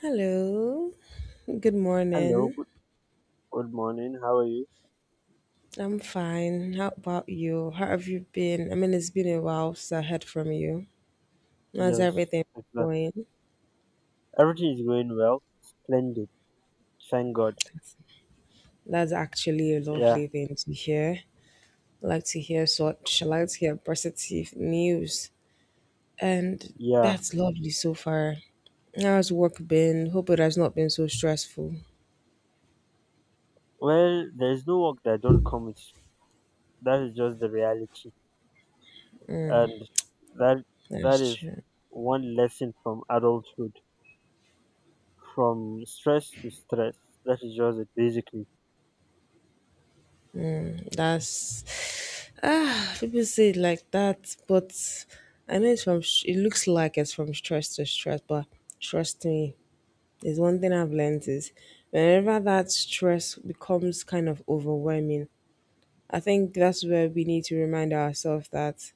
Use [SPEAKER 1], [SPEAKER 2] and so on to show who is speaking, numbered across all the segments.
[SPEAKER 1] Hello, good
[SPEAKER 2] Hello,
[SPEAKER 1] morning.
[SPEAKER 2] good morning. How are you?
[SPEAKER 1] I'm fine. How about you? How have you been? I mean, it's been a while since I heard from you. How's
[SPEAKER 2] Yes,
[SPEAKER 1] everything
[SPEAKER 2] it's lovely.
[SPEAKER 1] going?
[SPEAKER 2] Everything is going well. Splendid. Thank God.
[SPEAKER 1] That's actually a
[SPEAKER 2] Yeah,
[SPEAKER 1] lovely thing to hear. I like to hear positive news. And
[SPEAKER 2] yeah.
[SPEAKER 1] that's lovely so far. How's work been? Hope it has not been so stressful.
[SPEAKER 2] Well, there's no work that don't come with. That is just the reality, and that that
[SPEAKER 1] That's
[SPEAKER 2] is
[SPEAKER 1] true.
[SPEAKER 2] one lesson from adulthood, from stress to stress. That is just it, basically.
[SPEAKER 1] That's People say it like that, but I know it's from. It looks like it's from stress to stress, but trust me, there's one thing I've learned is whenever that stress becomes kind of overwhelming, I think that's where we need to remind ourselves that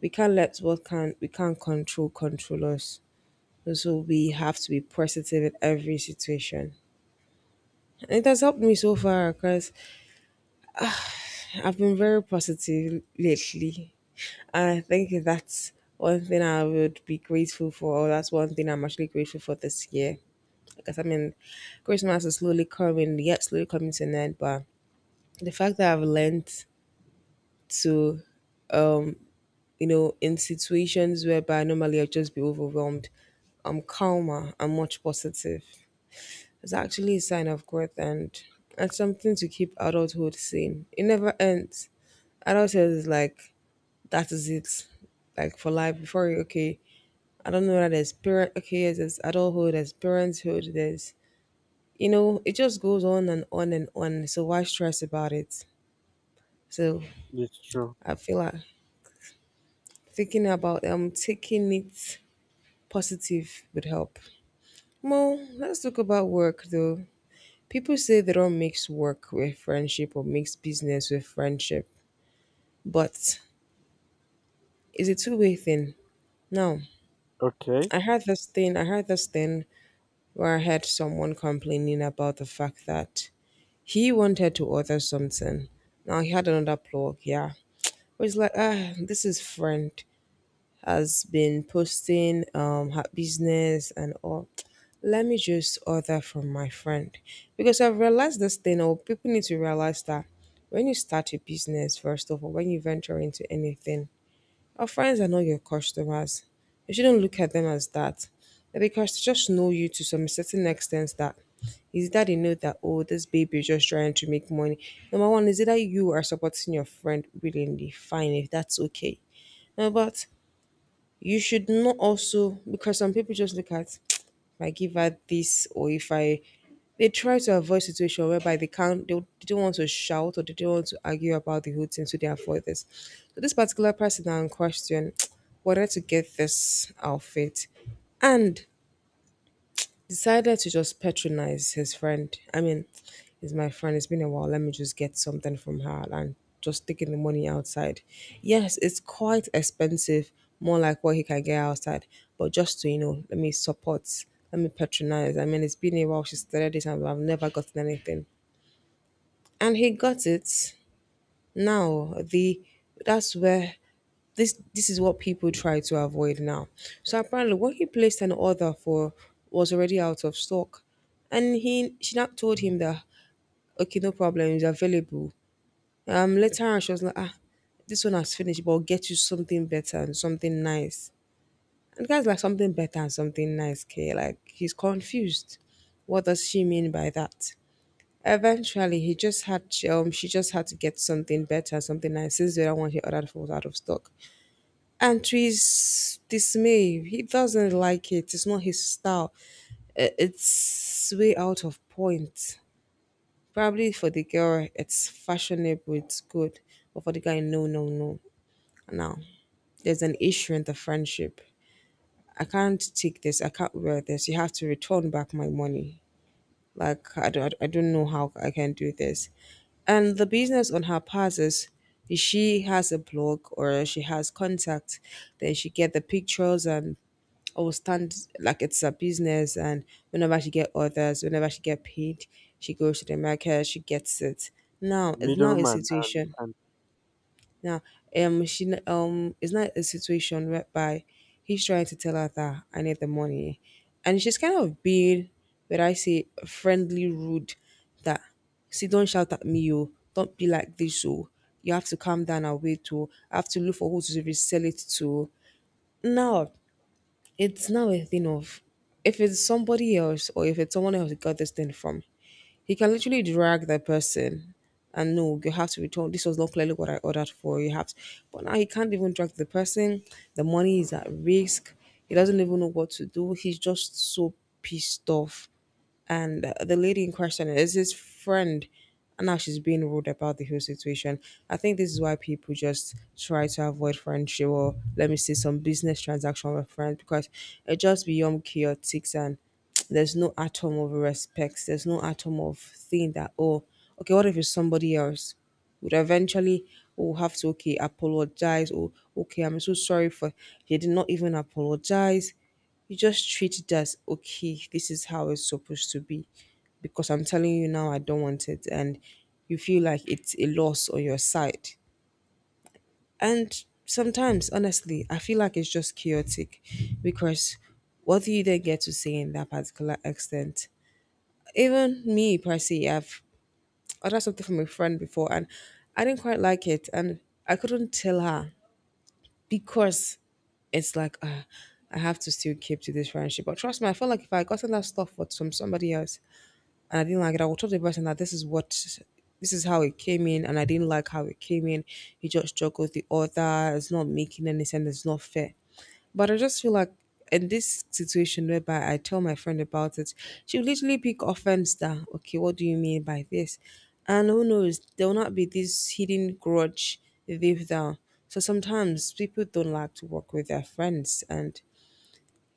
[SPEAKER 1] we can't let what can we can't control control us. So we have to be positive in every situation. And it has helped me so far because I've been very positive lately. And I think that's one thing I would be grateful for. Or that's one thing I'm actually grateful for this year. Because I mean, Christmas is slowly coming, yet slowly coming to an end. But the fact that I've learned to, um, in situations whereby normally I'd just be overwhelmed, I'm calmer, I'm much positive. It's actually a sign of growth and it's something to keep adulthood sane. It never ends. Adulthood is like, that is it, like for life before you. Okay, I don't know that there's parent. Okay, yes, there's adulthood, there's parenthood, there's, it just goes on and on and on. So why stress about it? So
[SPEAKER 2] It's true.
[SPEAKER 1] I feel like thinking about taking it positive would help. Well, let's talk about work though. People say they don't mix work with friendship or mix business with friendship, but it's a two-way thing now.
[SPEAKER 2] Okay,
[SPEAKER 1] I had this thing where I heard someone complaining about the fact that he wanted to order something. Now he had another plug, yeah. But it's like, this is friend has been posting her business and all. Let me just order from my friend. Because I've realized this thing, or people need to realize that when you start a business, first of all, when you venture into anything, our friends are not your customers. You shouldn't look at them as that. They're Because they just know you to some certain extent, that is that they know that oh, this baby is just trying to make money. Number one, is it that you are supporting your friend willingly? Fine, if that's okay. No, but you should not also, because some people just look at, if I give her this, or if I, they try to avoid situation whereby they can't they don't want to shout or they don't want to argue about the whole thing, so they avoid this. So this particular person now in question wanted to get this outfit and decided to just patronize his friend. I mean, he's my friend. It's been a while. Let me just get something from her and just taking the money outside. Yes, it's quite expensive, more like what he can get outside. But just to, let me support, let me patronize. I mean, it's been a while. She started this and I've never gotten anything. And he got it. Now, the— that's where— this is what people try to avoid now. So apparently, when he placed an order for, was already out of stock, and he she now told him that okay, no problem, it's available. Later on, she was like, this one has finished, but I'll get you something better and something nice. And the guy's like, something better and something nice, okay? Like, he's confused. What does she mean by that? Eventually, he just had she just had to get something better, something nice, since the other one he ordered was out of stock. And to his dismay, he doesn't like it. It's not his style. It's way out of point. Probably for the girl, it's fashionable, it's good, but for the guy, no, no, no. Now there's an issue in the friendship. I can't take this. I can't wear this. You have to return back my money. Like, I don't know how I can do this. And the business on her part is, if she has a blog or she has contact, then she get the pictures and, or stand like, it's a business, and whenever she get orders, whenever she get paid, she goes to the market, she gets it. Now it's not a
[SPEAKER 2] middleman. I
[SPEAKER 1] situation.
[SPEAKER 2] understand.
[SPEAKER 1] Now, it's not a situation whereby he's trying to tell her that I need the money, and she's kind of being, where I say, friendly, rude. That, see, don't shout at me, yo. Don't be like this, yo. You have to calm down and wait, too. I have to look for who to resell it to. No, it's now a thing of, if it's somebody else, or if it's someone else you got this thing from, he can literally drag that person and, no, you have to return. This was not clearly what I ordered for. You have to, but now he can't even drag the person. The money is at risk. He doesn't even know what to do. He's just so pissed off, and the lady in question is his friend and now she's being rude about the whole situation. I think this is why people just try to avoid friendship, or let me say, some business transaction with friends, because it just beyond chaotic. And there's no atom of respect, there's no atom of thing that, oh, okay, what if it's somebody else? Would eventually Will have to, okay, apologize, or okay, I'm so sorry for. They did not even apologize. You just treat it as, okay, this is how it's supposed to be. Because I'm telling you now, I don't want it. And you feel like it's a loss on your side. And sometimes, honestly, I feel like it's just chaotic, because what do you then get to say in that particular extent? Even me, Percy, I've ordered something from a friend before and I didn't quite like it. And I couldn't tell her because it's like, I have to still keep to this friendship. But trust me, I felt like if I gotten that stuff for from somebody else, and I didn't like it. I would talk to the person that this is how it came in, and I didn't like how it came in. You just juggled the author, it's not making any sense, it's not fair. But I just feel like in this situation whereby I tell my friend about it, she'll literally pick offense that, okay, what do you mean by this? And who knows, there will not be this hidden grudge they've done. So sometimes people don't like to work with their friends. And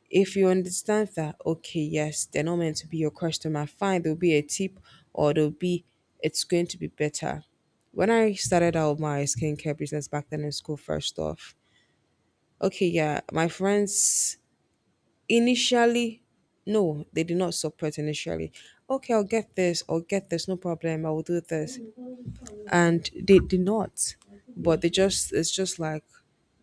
[SPEAKER 1] if you understand that, okay, yes, they're not meant to be your customer, fine, there'll be a tip, or there'll be, it's going to be better. When I started out my skincare business back then in school, first off, okay, yeah, my friends, initially, no, they did not support initially. Okay, I'll get this, no problem, I will do this, and they did not. But they just it's just like,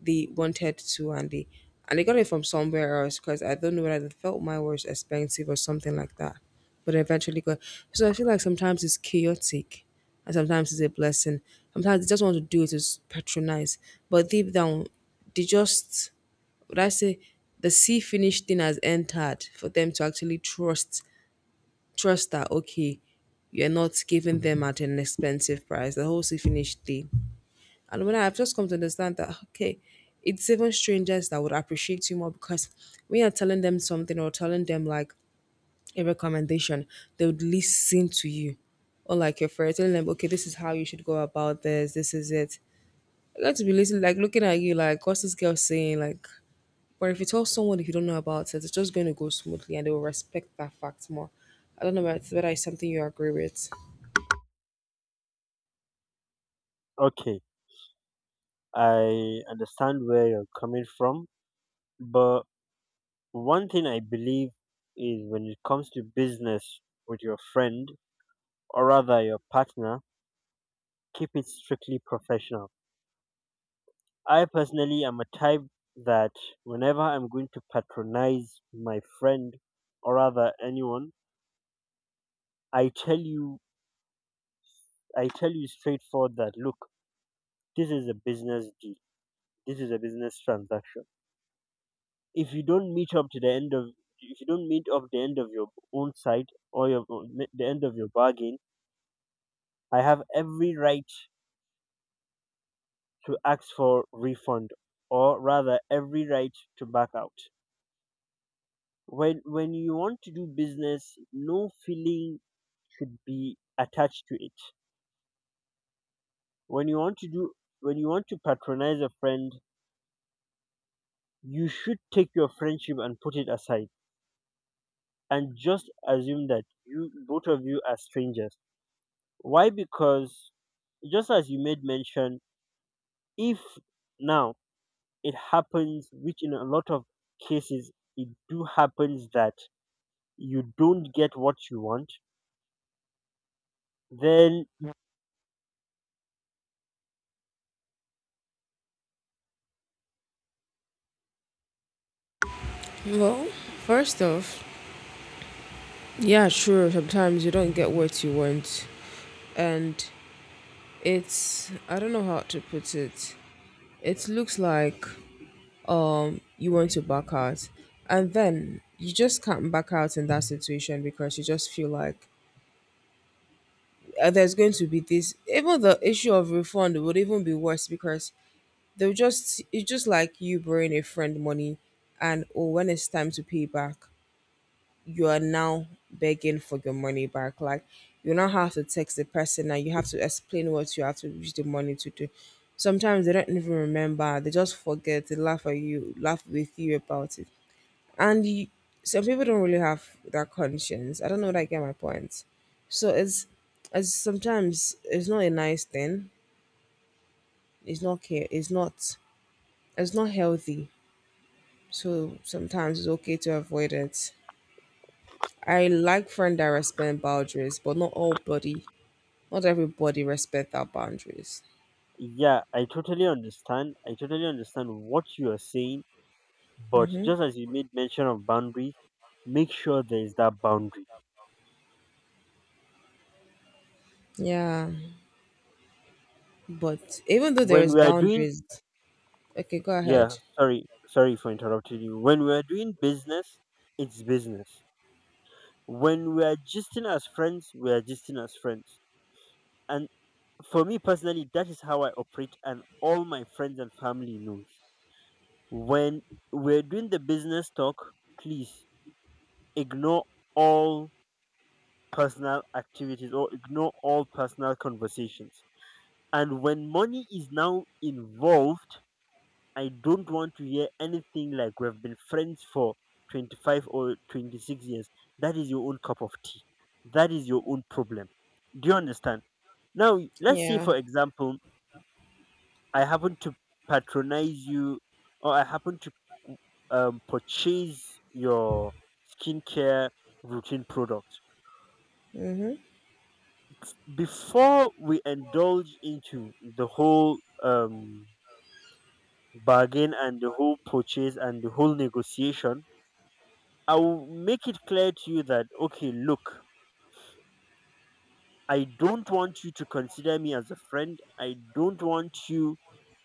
[SPEAKER 1] they wanted to, and they got it from somewhere else, because I don't know whether they felt mine was expensive or something like that. But eventually got. So I feel like sometimes it's chaotic, and sometimes it's a blessing. Sometimes they just want to do it to patronize, but deep down they just, would I say, the sea finished thing has entered for them to actually Trust that okay, you're not giving them at an expensive price, the whole see finished thing. And when I've just come to understand that, okay, it's even strangers that would appreciate you more, because when you're telling them something, or telling them like a recommendation, they would listen to you. Or like your friend telling them, okay, this is how you should go about this, this is it. Like, I got to be listening, like looking at you like, what's this girl saying? Like, but if you tell someone if you don't know about it, it's just going to go smoothly and they will respect that fact more. I don't know whether it's something you agree with.
[SPEAKER 2] Okay, I understand where you're coming from, but one thing I believe is when it comes to business with your friend or rather your partner, keep it strictly professional. I personally am a type that whenever I'm going to patronize my friend or rather anyone, I tell you I tell you straightforward that look, this is a business deal. This is a business transaction. If you don't meet up to the end of If you don't meet up the end of your own side or your the end of your bargain, I have every right to ask for refund or rather every right to back out. When you want to do business, no feeling should be attached to it. when you want to do when you want to patronize a friend, you should take your friendship and put it aside and just assume that you both of you are strangers. Why? Because just as you made mention, if now it happens, which in a lot of cases it do happens, that you don't get what you want, then...
[SPEAKER 1] Well, first off, yeah, sure, sometimes you don't get what you want. And it's, I don't know how to put it, it looks like you want to back out. And then you just can't back out in that situation because you just feel like there's going to be this, even the issue of refund would even be worse because they'll just it's just like you borrowing a friend money. And oh, when it's time to pay back, you are now begging for your money back. Like, you now have to text the person and you have to explain what you have to use the money to do. Sometimes they don't even remember, they just forget, they laugh at you, laugh with you about it. And you, some people don't really have that conscience. I don't know if I get my point. So it's as sometimes it's not a nice thing. It's not care. It's not. It's not healthy. So sometimes it's okay to avoid it. I like friends that respect boundaries, but not all body, not everybody respect our boundaries.
[SPEAKER 2] Yeah, I totally understand. I totally understand what you are saying, but just as you made mention of boundaries, make sure there is that boundary.
[SPEAKER 1] Yeah, but even though there
[SPEAKER 2] When
[SPEAKER 1] is
[SPEAKER 2] we are doing,
[SPEAKER 1] boundaries, okay, go
[SPEAKER 2] yeah,
[SPEAKER 1] ahead.
[SPEAKER 2] sorry for interrupting you. When we are doing business, it's business. When we are gisting as friends, we are gisting as friends. And for me personally, that is how I operate, and all my friends and family knows. When we're doing the business talk, please ignore all personal activities or ignore all personal conversations. And when money is now involved, I don't want to hear anything like we've been friends for 25 or 26 years. That is your own cup of tea. That is your own problem. Do you understand? Now, let's say,
[SPEAKER 1] Yeah.
[SPEAKER 2] for example, I happen to patronize you or I happen to purchase your skincare routine product.
[SPEAKER 1] Mhm.
[SPEAKER 2] Before we indulge into the whole bargain and the whole purchase and the whole negotiation, I will make it clear to you that, okay, look, I don't want you to consider me as a friend. I don't want you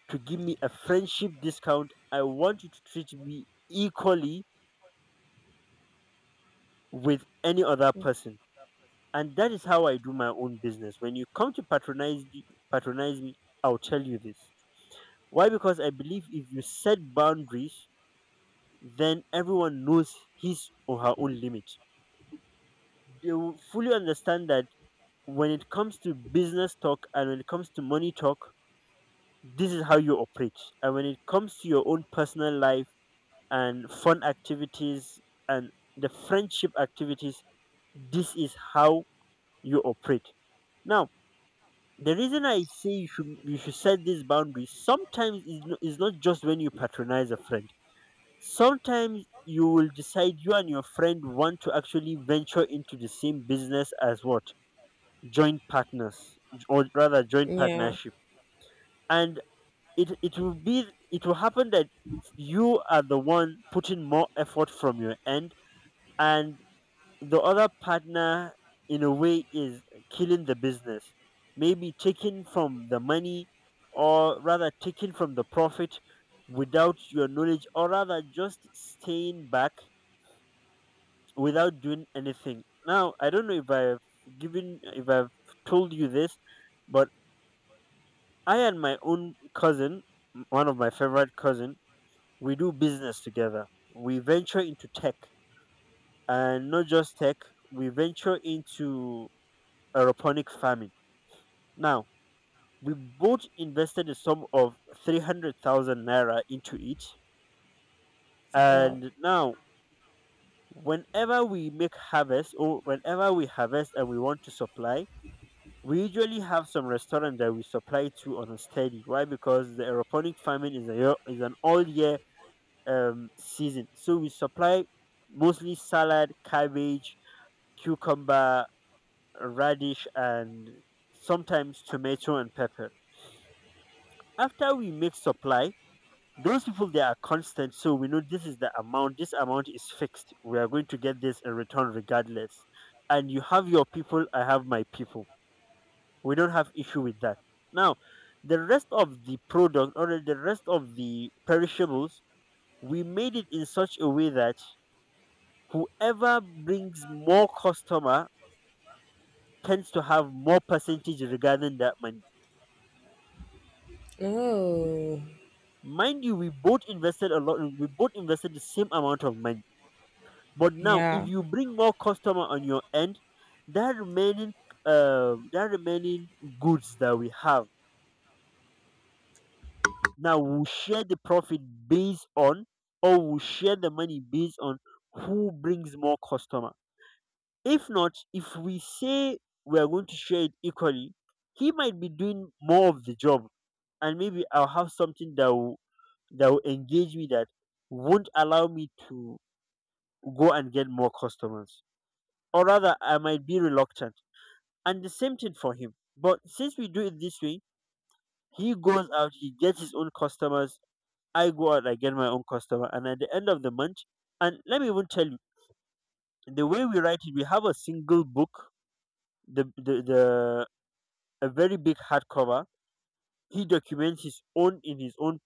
[SPEAKER 2] to give me a friendship discount. I want you to treat me equally with any other person. And that is how I do my own business. When you come to patronize me, I'll tell you this. Why? Because I believe if you set boundaries, then everyone knows his or her own limit. They will fully understand that when it comes to business talk and when it comes to money talk, this is how you operate. And when it comes to your own personal life and fun activities and the friendship activities, this is how you operate. Now, the reason I say you should set these boundaries sometimes is no, is not just when you patronize a friend. Sometimes you will decide you and your friend want to actually venture into the same business as what? Joint partners or rather joint
[SPEAKER 1] Yeah.
[SPEAKER 2] partnership. And it it will be it will happen that you are the one putting more effort from your end, and the other partner in a way is killing the business. Maybe taking from the money or rather taking from the profit without your knowledge, or rather just staying back without doing anything. Now, I don't know if I've told you this, but I and my own cousin, one of my favorite cousin, we do business together. We venture into tech, and not just tech. We venture into aeroponic farming. Now, we both invested a sum of 300,000 naira into it,
[SPEAKER 1] Well.
[SPEAKER 2] and now whenever we make harvest or whenever we harvest and we want to supply, we usually have some restaurant that we supply to on a steady. Why? Because the aeroponic farming is is an all year season. So we supply mostly salad, cabbage, cucumber, radish, and sometimes tomato and pepper. After we make supply, those people they are constant, so we know this is the amount. This amount is fixed. We are going to get this in return regardless. And you have your people, I have my people, we don't have issue with that. Now, the rest of the product or the rest of the perishables, we made it in such a way that whoever brings more customer tends to have more percentage regarding that money.
[SPEAKER 1] Oh.
[SPEAKER 2] Mind you, we both invested a lot, we both invested the same amount of money, but now if
[SPEAKER 1] Yeah.
[SPEAKER 2] you bring more customer on your end, that remaining uh that remaining goods that we have, now we'll share the profit based on, or we'll share the money based on who brings more customer. If not, if we say we are going to share it equally, he might be doing more of the job, and maybe I'll have something that will engage me that won't allow me to go and get more customers, or rather, I might be reluctant. And the same thing for him. But since we do it this way, he goes out, he gets his own customers, I go out, I get my own customer, and at the end of the month, and let me even tell you, the way we write it, we have a single book, the a very big hardcover. He documents his own in his own.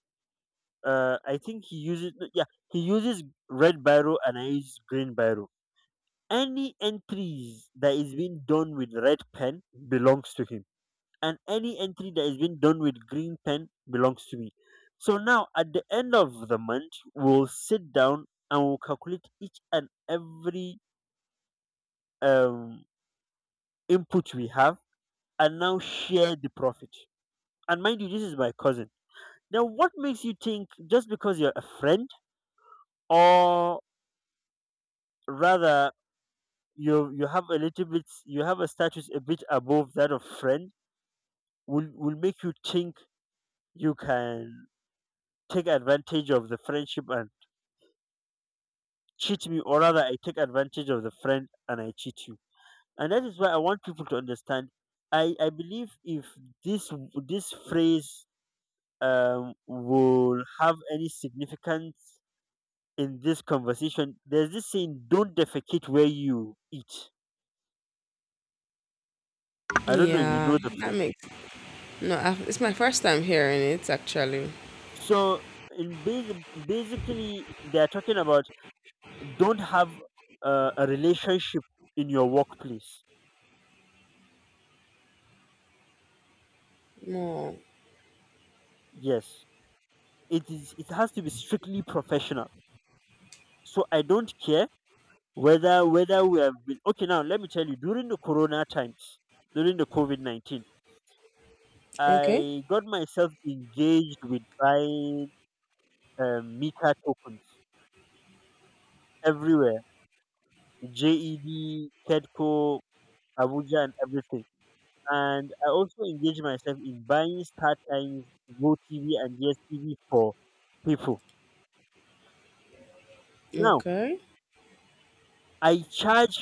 [SPEAKER 2] I think he uses no, yeah he uses red biro and I use green biro. Any entries that is being done with red pen belongs to him, and any entry that has been done with green pen belongs to me. So now at the end of the month, we'll sit down and we'll calculate each and every um, input we have and now share the profit. And mind you, this is my cousin. Now, what makes you think just because you're a friend, or rather, you have a little bit, you have a status a bit above that of friend, will make you think you can take advantage of the friendship and cheat me, or rather I take advantage of the friend and I cheat you. And that is why I want people to understand. I believe if this this phrase will have any significance in this conversation, there's this saying, don't defecate where you eat. I don't know if you
[SPEAKER 1] Yeah.
[SPEAKER 2] know the
[SPEAKER 1] That
[SPEAKER 2] phrase.
[SPEAKER 1] makes no. I, it's my first time hearing it actually.
[SPEAKER 2] So in basically, they're talking about don't have a relationship in your workplace.
[SPEAKER 1] No.
[SPEAKER 2] Yes, it is. It has to be strictly professional. So I don't care whether we have been okay. Now let me tell you, during the Corona times, during the COVID-19,
[SPEAKER 1] Okay.
[SPEAKER 2] I got myself engaged with buying Mika tokens everywhere, JED, Kedco, Abuja, and everything. And I also engaged myself in buying Star Times, GoTV, and DSTV for people. Now
[SPEAKER 1] Okay.
[SPEAKER 2] I charge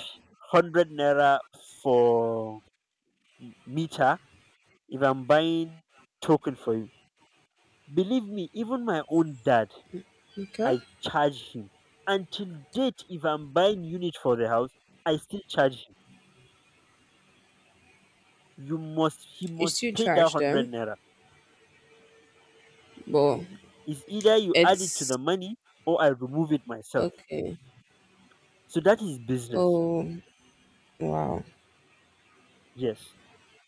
[SPEAKER 2] 100 naira for meter if I'm buying token for you. Believe me, even my own dad,
[SPEAKER 1] Okay.
[SPEAKER 2] I charge him. Until date, if I'm buying unit for the house, I still charge him. You must he
[SPEAKER 1] You
[SPEAKER 2] must
[SPEAKER 1] still
[SPEAKER 2] pay that
[SPEAKER 1] charge
[SPEAKER 2] hundred
[SPEAKER 1] them,
[SPEAKER 2] naira.
[SPEAKER 1] but
[SPEAKER 2] It's either you add it to
[SPEAKER 1] it's
[SPEAKER 2] the money or I remove it myself.
[SPEAKER 1] okay.
[SPEAKER 2] So that is business.
[SPEAKER 1] Oh, wow.
[SPEAKER 2] Yes.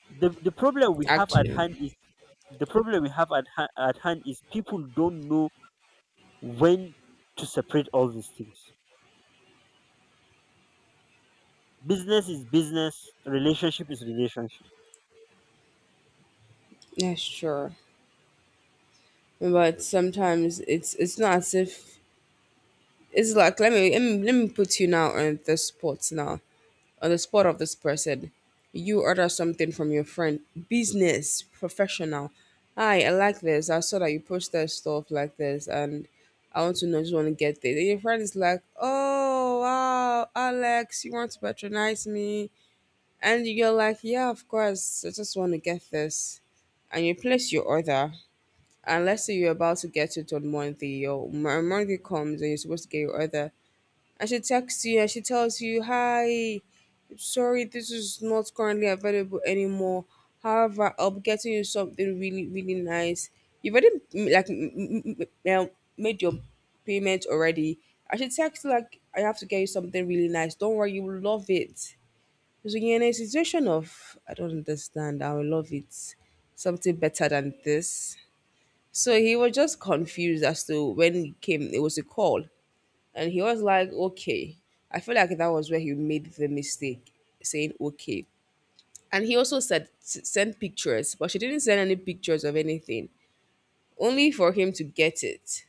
[SPEAKER 2] The the problem we have at
[SPEAKER 1] Actually,
[SPEAKER 2] hand is the problem we have at, at hand is people don't know when to separate all these things. Business is business, relationship is relationship.
[SPEAKER 1] yeah, sure. But sometimes it's not as if it's like let me put you now on the spot now on the spot of this person. You order something from your friend, business professional. Hi, I like this. I saw that you posted stuff like this, and I want to know. Just want to get there. Then your friend is like, "Oh wow, Alex, you want to patronize me?" And you're like, yeah, of course, I just want to get this. And you place your order. And let's say you're about to get it on Monday, or Monday comes and you're supposed to get your order. And she texts you and she tells you, hi, sorry, this is not currently available anymore. However, I'll be getting you something really, really nice. You've already made your payment already. I should text you, like I have to get you something really nice. Don't worry, you will love it. So you're in a situation of I don't understand. I would love it something better than this. So he was just confused as to when he came. It was a call, and he was like, "Okay." I feel like that was where he made the mistake, saying "Okay." And he also said send pictures, but she didn't send any pictures of anything. Only for him to get it,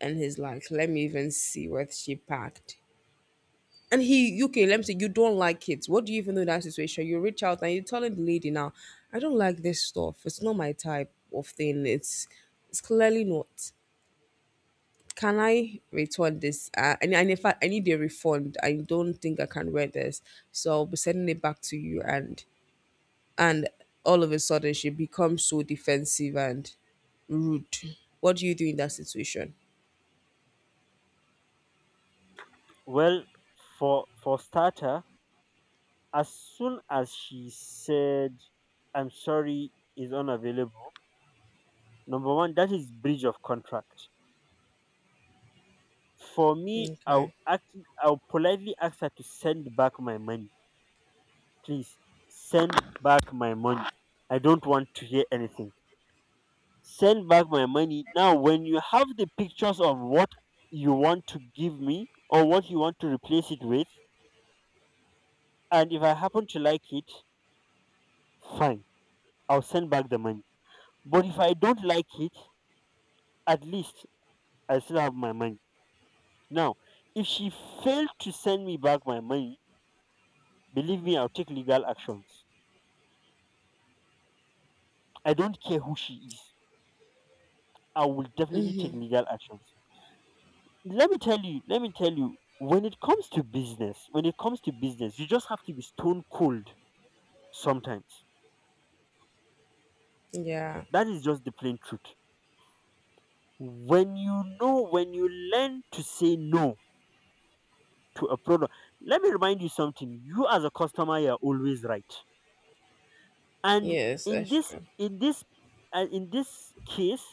[SPEAKER 1] and he's like, "Let me even see what she packed." And he, okay, let me say, you don't like it. What do you even know in that situation? You reach out and you're telling the lady now, I don't like this stuff. It's not my type of thing. It's clearly not. Can I return this? And in fact, I need a refund. I don't think I can wear this. So I'll be sending it back to you. And all of a sudden, she becomes so defensive and rude. What do you do in that situation?
[SPEAKER 2] Well, for starter, as soon as she said, "I'm sorry, is unavailable," number one, that is breach of contract. For me,
[SPEAKER 1] Okay.
[SPEAKER 2] I'll politely ask her to send back my money, please. Send back my money. I don't want to hear anything. Send back my money now. When you have the pictures of what you want to give me or what you want to replace it with, and if I happen to like it, fine. I'll send back the money. But if I don't like it, at least I still have my money. Now, if she failed to send me back my money, believe me, I'll take legal actions. I don't care who she is. I will definitely take legal actions. Let me tell you, when it comes to business, you just have to be stone cold sometimes.
[SPEAKER 1] Yeah.
[SPEAKER 2] That is just the plain truth. When you know, when you learn to say no to a product, let me remind you something. You, as a customer, you're always right, and
[SPEAKER 1] Yes,
[SPEAKER 2] in
[SPEAKER 1] that's
[SPEAKER 2] this
[SPEAKER 1] true.
[SPEAKER 2] in this in this case,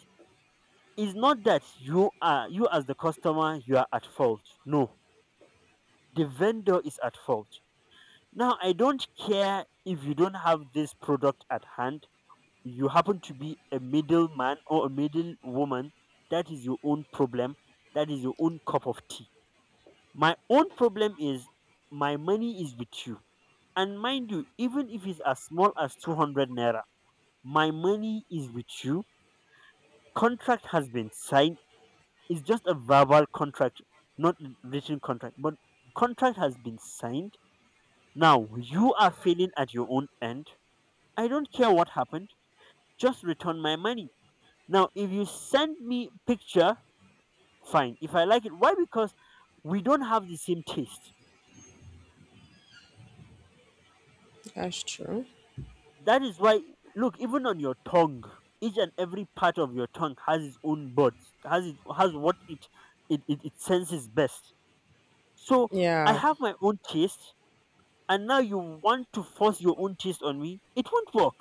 [SPEAKER 2] it's not that you as the customer you are at fault. No, the vendor is at fault. Now I don't care if you don't have this product at hand. You happen to be a middleman or a middle woman, that is your own problem, that is your own cup of tea. My own problem is, my money is with you, and mind you, even if it's as small as 200 naira, my money is with you. Contract has been signed. It's just a verbal contract, not written contract, but contract has been signed. Now you are failing at your own end. I don't care what happened, just return my money. Now if you send me picture, fine. If I like it, why? Because we don't have the same taste.
[SPEAKER 1] That's true.
[SPEAKER 2] That is why. Look, even on your tongue, each and every part of your tongue has its own buds, has it has what it senses best. So I
[SPEAKER 1] Yeah.
[SPEAKER 2] have my own taste, and now you want to force your own taste on me, it won't work.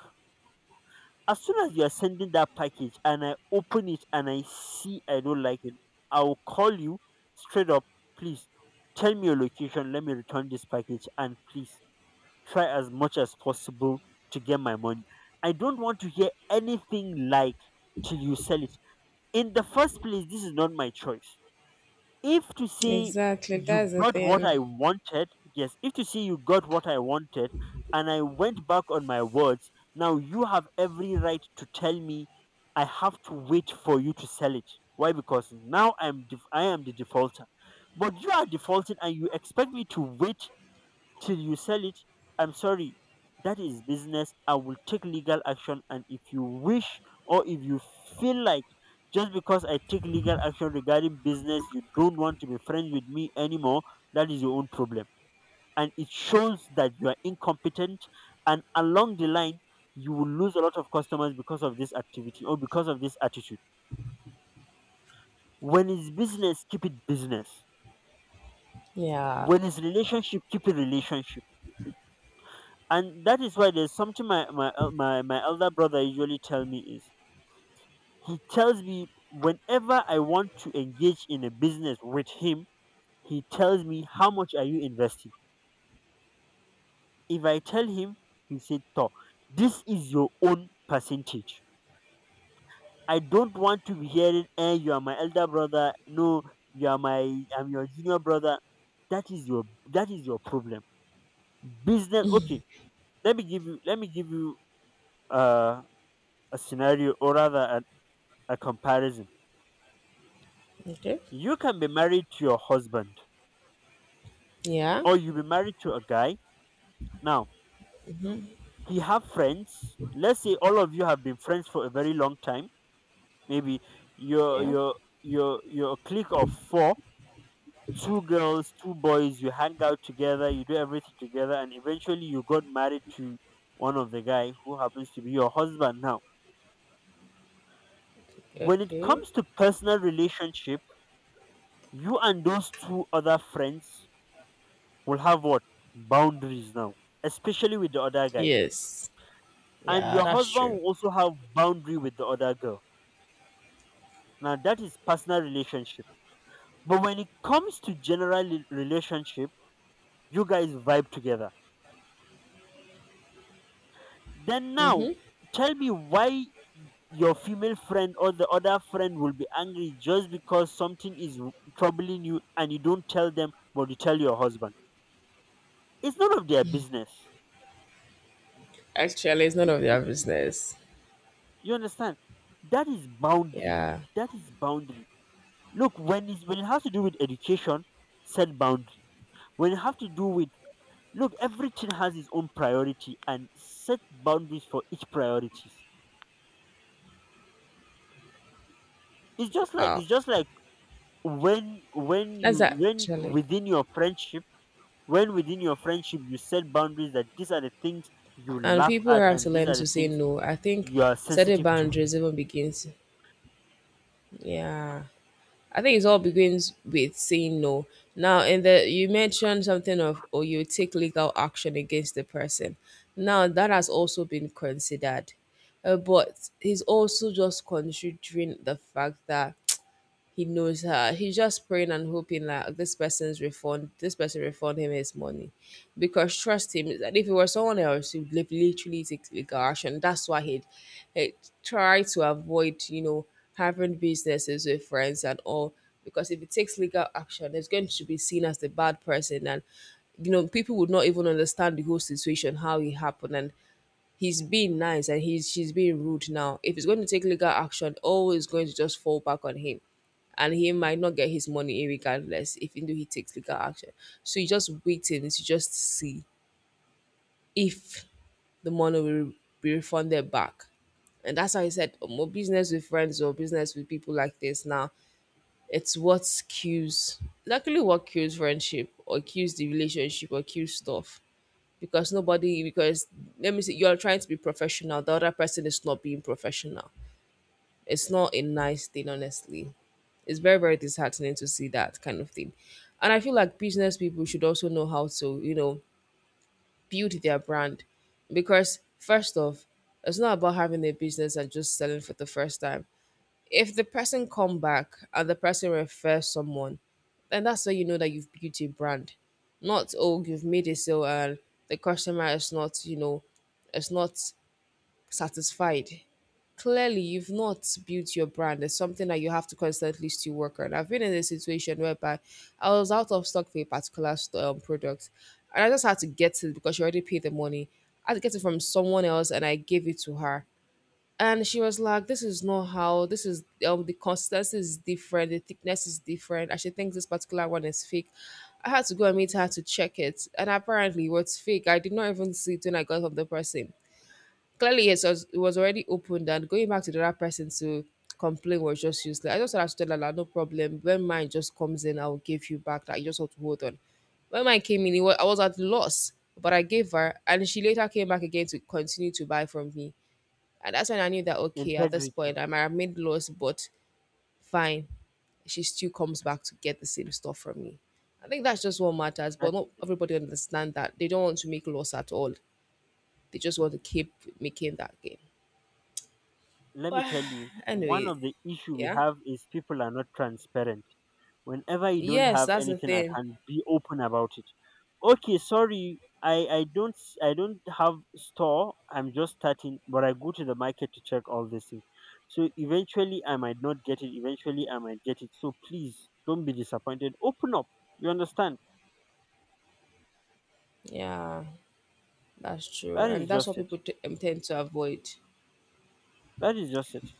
[SPEAKER 2] As soon as you are sending that package and I open it and I see I don't like it, I'll call you straight up, please, tell me your location, let me return this package, and please, try as much as possible to get my money. I don't want to hear anything like till you sell it. In the first place, this is not my choice. If to say
[SPEAKER 1] Exactly,
[SPEAKER 2] you
[SPEAKER 1] that's the
[SPEAKER 2] got what
[SPEAKER 1] thing.
[SPEAKER 2] I wanted, yes, if to say you got what I wanted and I went back on my words, now you have every right to tell me I have to wait for you to sell it. Why? Because now I am the defaulter. But you are defaulting and you expect me to wait till you sell it. I'm sorry, that is business. I will take legal action, and if you wish or if you feel like, just because I take legal action regarding business you don't want to be friends with me anymore, that is your own problem, and it shows that you are incompetent. And along the line, you will lose a lot of customers because of this activity or because of this attitude. When it's business, keep it business.
[SPEAKER 1] Yeah.
[SPEAKER 2] When it's relationship, keep it relationship. And that is why there's something my elder brother usually tell me is, he tells me whenever I want to engage in a business with him, he tells me, how much are you investing? If I tell him, he said to, this is your own percentage. I don't want to be hearing, eh, you are my elder brother. No, you are my, I'm your junior brother, that is your, that is your problem. Business, okay. let me give you let me give you uh a scenario, or rather a comparison.
[SPEAKER 1] Okay.
[SPEAKER 2] You can be married to your husband,
[SPEAKER 1] Yeah.
[SPEAKER 2] or you be married to a guy. Now, he have friends. Let's say all of you have been friends for a very long time. Maybe your
[SPEAKER 1] Yeah.
[SPEAKER 2] your your clique of four, two girls, two boys, you hang out together, you do everything together, and eventually you got married to one of the guy who happens to be your husband now. When it
[SPEAKER 1] Okay.
[SPEAKER 2] comes to personal relationship, you and those two other friends will have what? Boundaries. Now, especially with the other guy.
[SPEAKER 1] Yes.
[SPEAKER 2] And
[SPEAKER 1] Yeah,
[SPEAKER 2] your
[SPEAKER 1] that's
[SPEAKER 2] husband
[SPEAKER 1] true.
[SPEAKER 2] will also have boundary with the other girl. Now that is personal relationship. But when it comes to relationship, you guys vibe together. Then now, tell me why your female friend or the other friend will be angry just because something is troubling you and you don't tell them, but you tell your husband. It's none of their business.
[SPEAKER 1] Actually, it's none of their business.
[SPEAKER 2] You understand? That is boundary.
[SPEAKER 1] Yeah.
[SPEAKER 2] That is boundary. Look, when it has to do with education, set boundaries. When it has to do with, look, everything has its own priority, and set boundaries for each priorities. It's just like when when
[SPEAKER 1] That's
[SPEAKER 2] you when
[SPEAKER 1] actually.
[SPEAKER 2] within your friendship you set boundaries, that these are the things you
[SPEAKER 1] And
[SPEAKER 2] laugh
[SPEAKER 1] people
[SPEAKER 2] at
[SPEAKER 1] have to
[SPEAKER 2] and these
[SPEAKER 1] learn
[SPEAKER 2] are the
[SPEAKER 1] to say
[SPEAKER 2] things
[SPEAKER 1] no. I think
[SPEAKER 2] you are
[SPEAKER 1] setting
[SPEAKER 2] sensitive to.
[SPEAKER 1] boundaries even begins. Yeah. I think it all begins with saying no. Now, in the you mentioned something of or you take legal action against the person. Now that has also been considered, but he's also just considering the fact that he knows her. He's just praying and hoping that this person's refund, this person refund him his money, because trust him. That if it was someone else, he would literally take legal action. That's why he'd try to avoid, you know, having businesses with friends and all, because if it takes legal action, it's going to be seen as the bad person, and you know, people would not even understand the whole situation, how it happened, and he's being nice and he's she's being rude now. If it's going to take legal action, all is going to just fall back on him. And he might not get his money regardless if even though he takes legal action. So you just waiting to just see if the money will be refunded back. And that's how he said, "Oh, more business with friends or business with people like this now." It's what kills, luckily what kills friendship or kills the relationship or kills stuff because nobody because let me see you're trying to be professional, the other person is not being professional. It's not a nice thing, honestly. It's very, very disheartening to see that kind of thing. And I feel like business people should also know how to, you know, build their brand. Because first off, it's not about having a business and just selling for the first time. If the person come back and the person refers someone, then that's how you know that you've built a brand. Not oh you've made a sale and the customer is not, you know, is not satisfied. Clearly you've not built your brand. It's something that you have to constantly still work on. I've been in a situation whereby I was out of stock for a particular product, and I just had to get it because she already paid the money. I had to get it from someone else and I gave it to her, and she was like, this is not how this is, um, the consistency is different, the thickness is different, and she thinks this particular one is fake. I had to go and meet her to check it, and apparently it was fake. I did not even see it when I got from the person. Clearly it was already opened, and going back to the other person to complain was just useless. I just had to tell her like, no problem, when mine just comes in, I'll give you back, that you just have to hold on. When mine came in, it was, I was at loss, but I gave her, and she later came back again to continue to buy from me. And that's when I knew that okay, at this
[SPEAKER 2] Integrity.
[SPEAKER 1] point I might have made loss, but fine. She still comes back to get the same stuff from me. I think that's just what matters,
[SPEAKER 2] That
[SPEAKER 1] but not
[SPEAKER 2] is it.
[SPEAKER 1] everybody understand that. They don't want to make loss at all. They just want to keep making that game.
[SPEAKER 2] Let me
[SPEAKER 1] But
[SPEAKER 2] tell you, one
[SPEAKER 1] anyway,
[SPEAKER 2] of the issue we
[SPEAKER 1] yeah.
[SPEAKER 2] have is people are not transparent. Whenever you don't
[SPEAKER 1] Yes,
[SPEAKER 2] have
[SPEAKER 1] that's the
[SPEAKER 2] anything at
[SPEAKER 1] thing.
[SPEAKER 2] hand, be open about it. Okay, sorry, I don't have store. I'm just starting, but I go to the market to check all these things. So eventually, I might not get it. Eventually, I might get it. So please don't be disappointed. Open up. You understand?
[SPEAKER 1] Yeah, that's true.
[SPEAKER 2] That
[SPEAKER 1] And
[SPEAKER 2] is
[SPEAKER 1] that's
[SPEAKER 2] just
[SPEAKER 1] what
[SPEAKER 2] it.
[SPEAKER 1] people tend to avoid.
[SPEAKER 2] That is just it.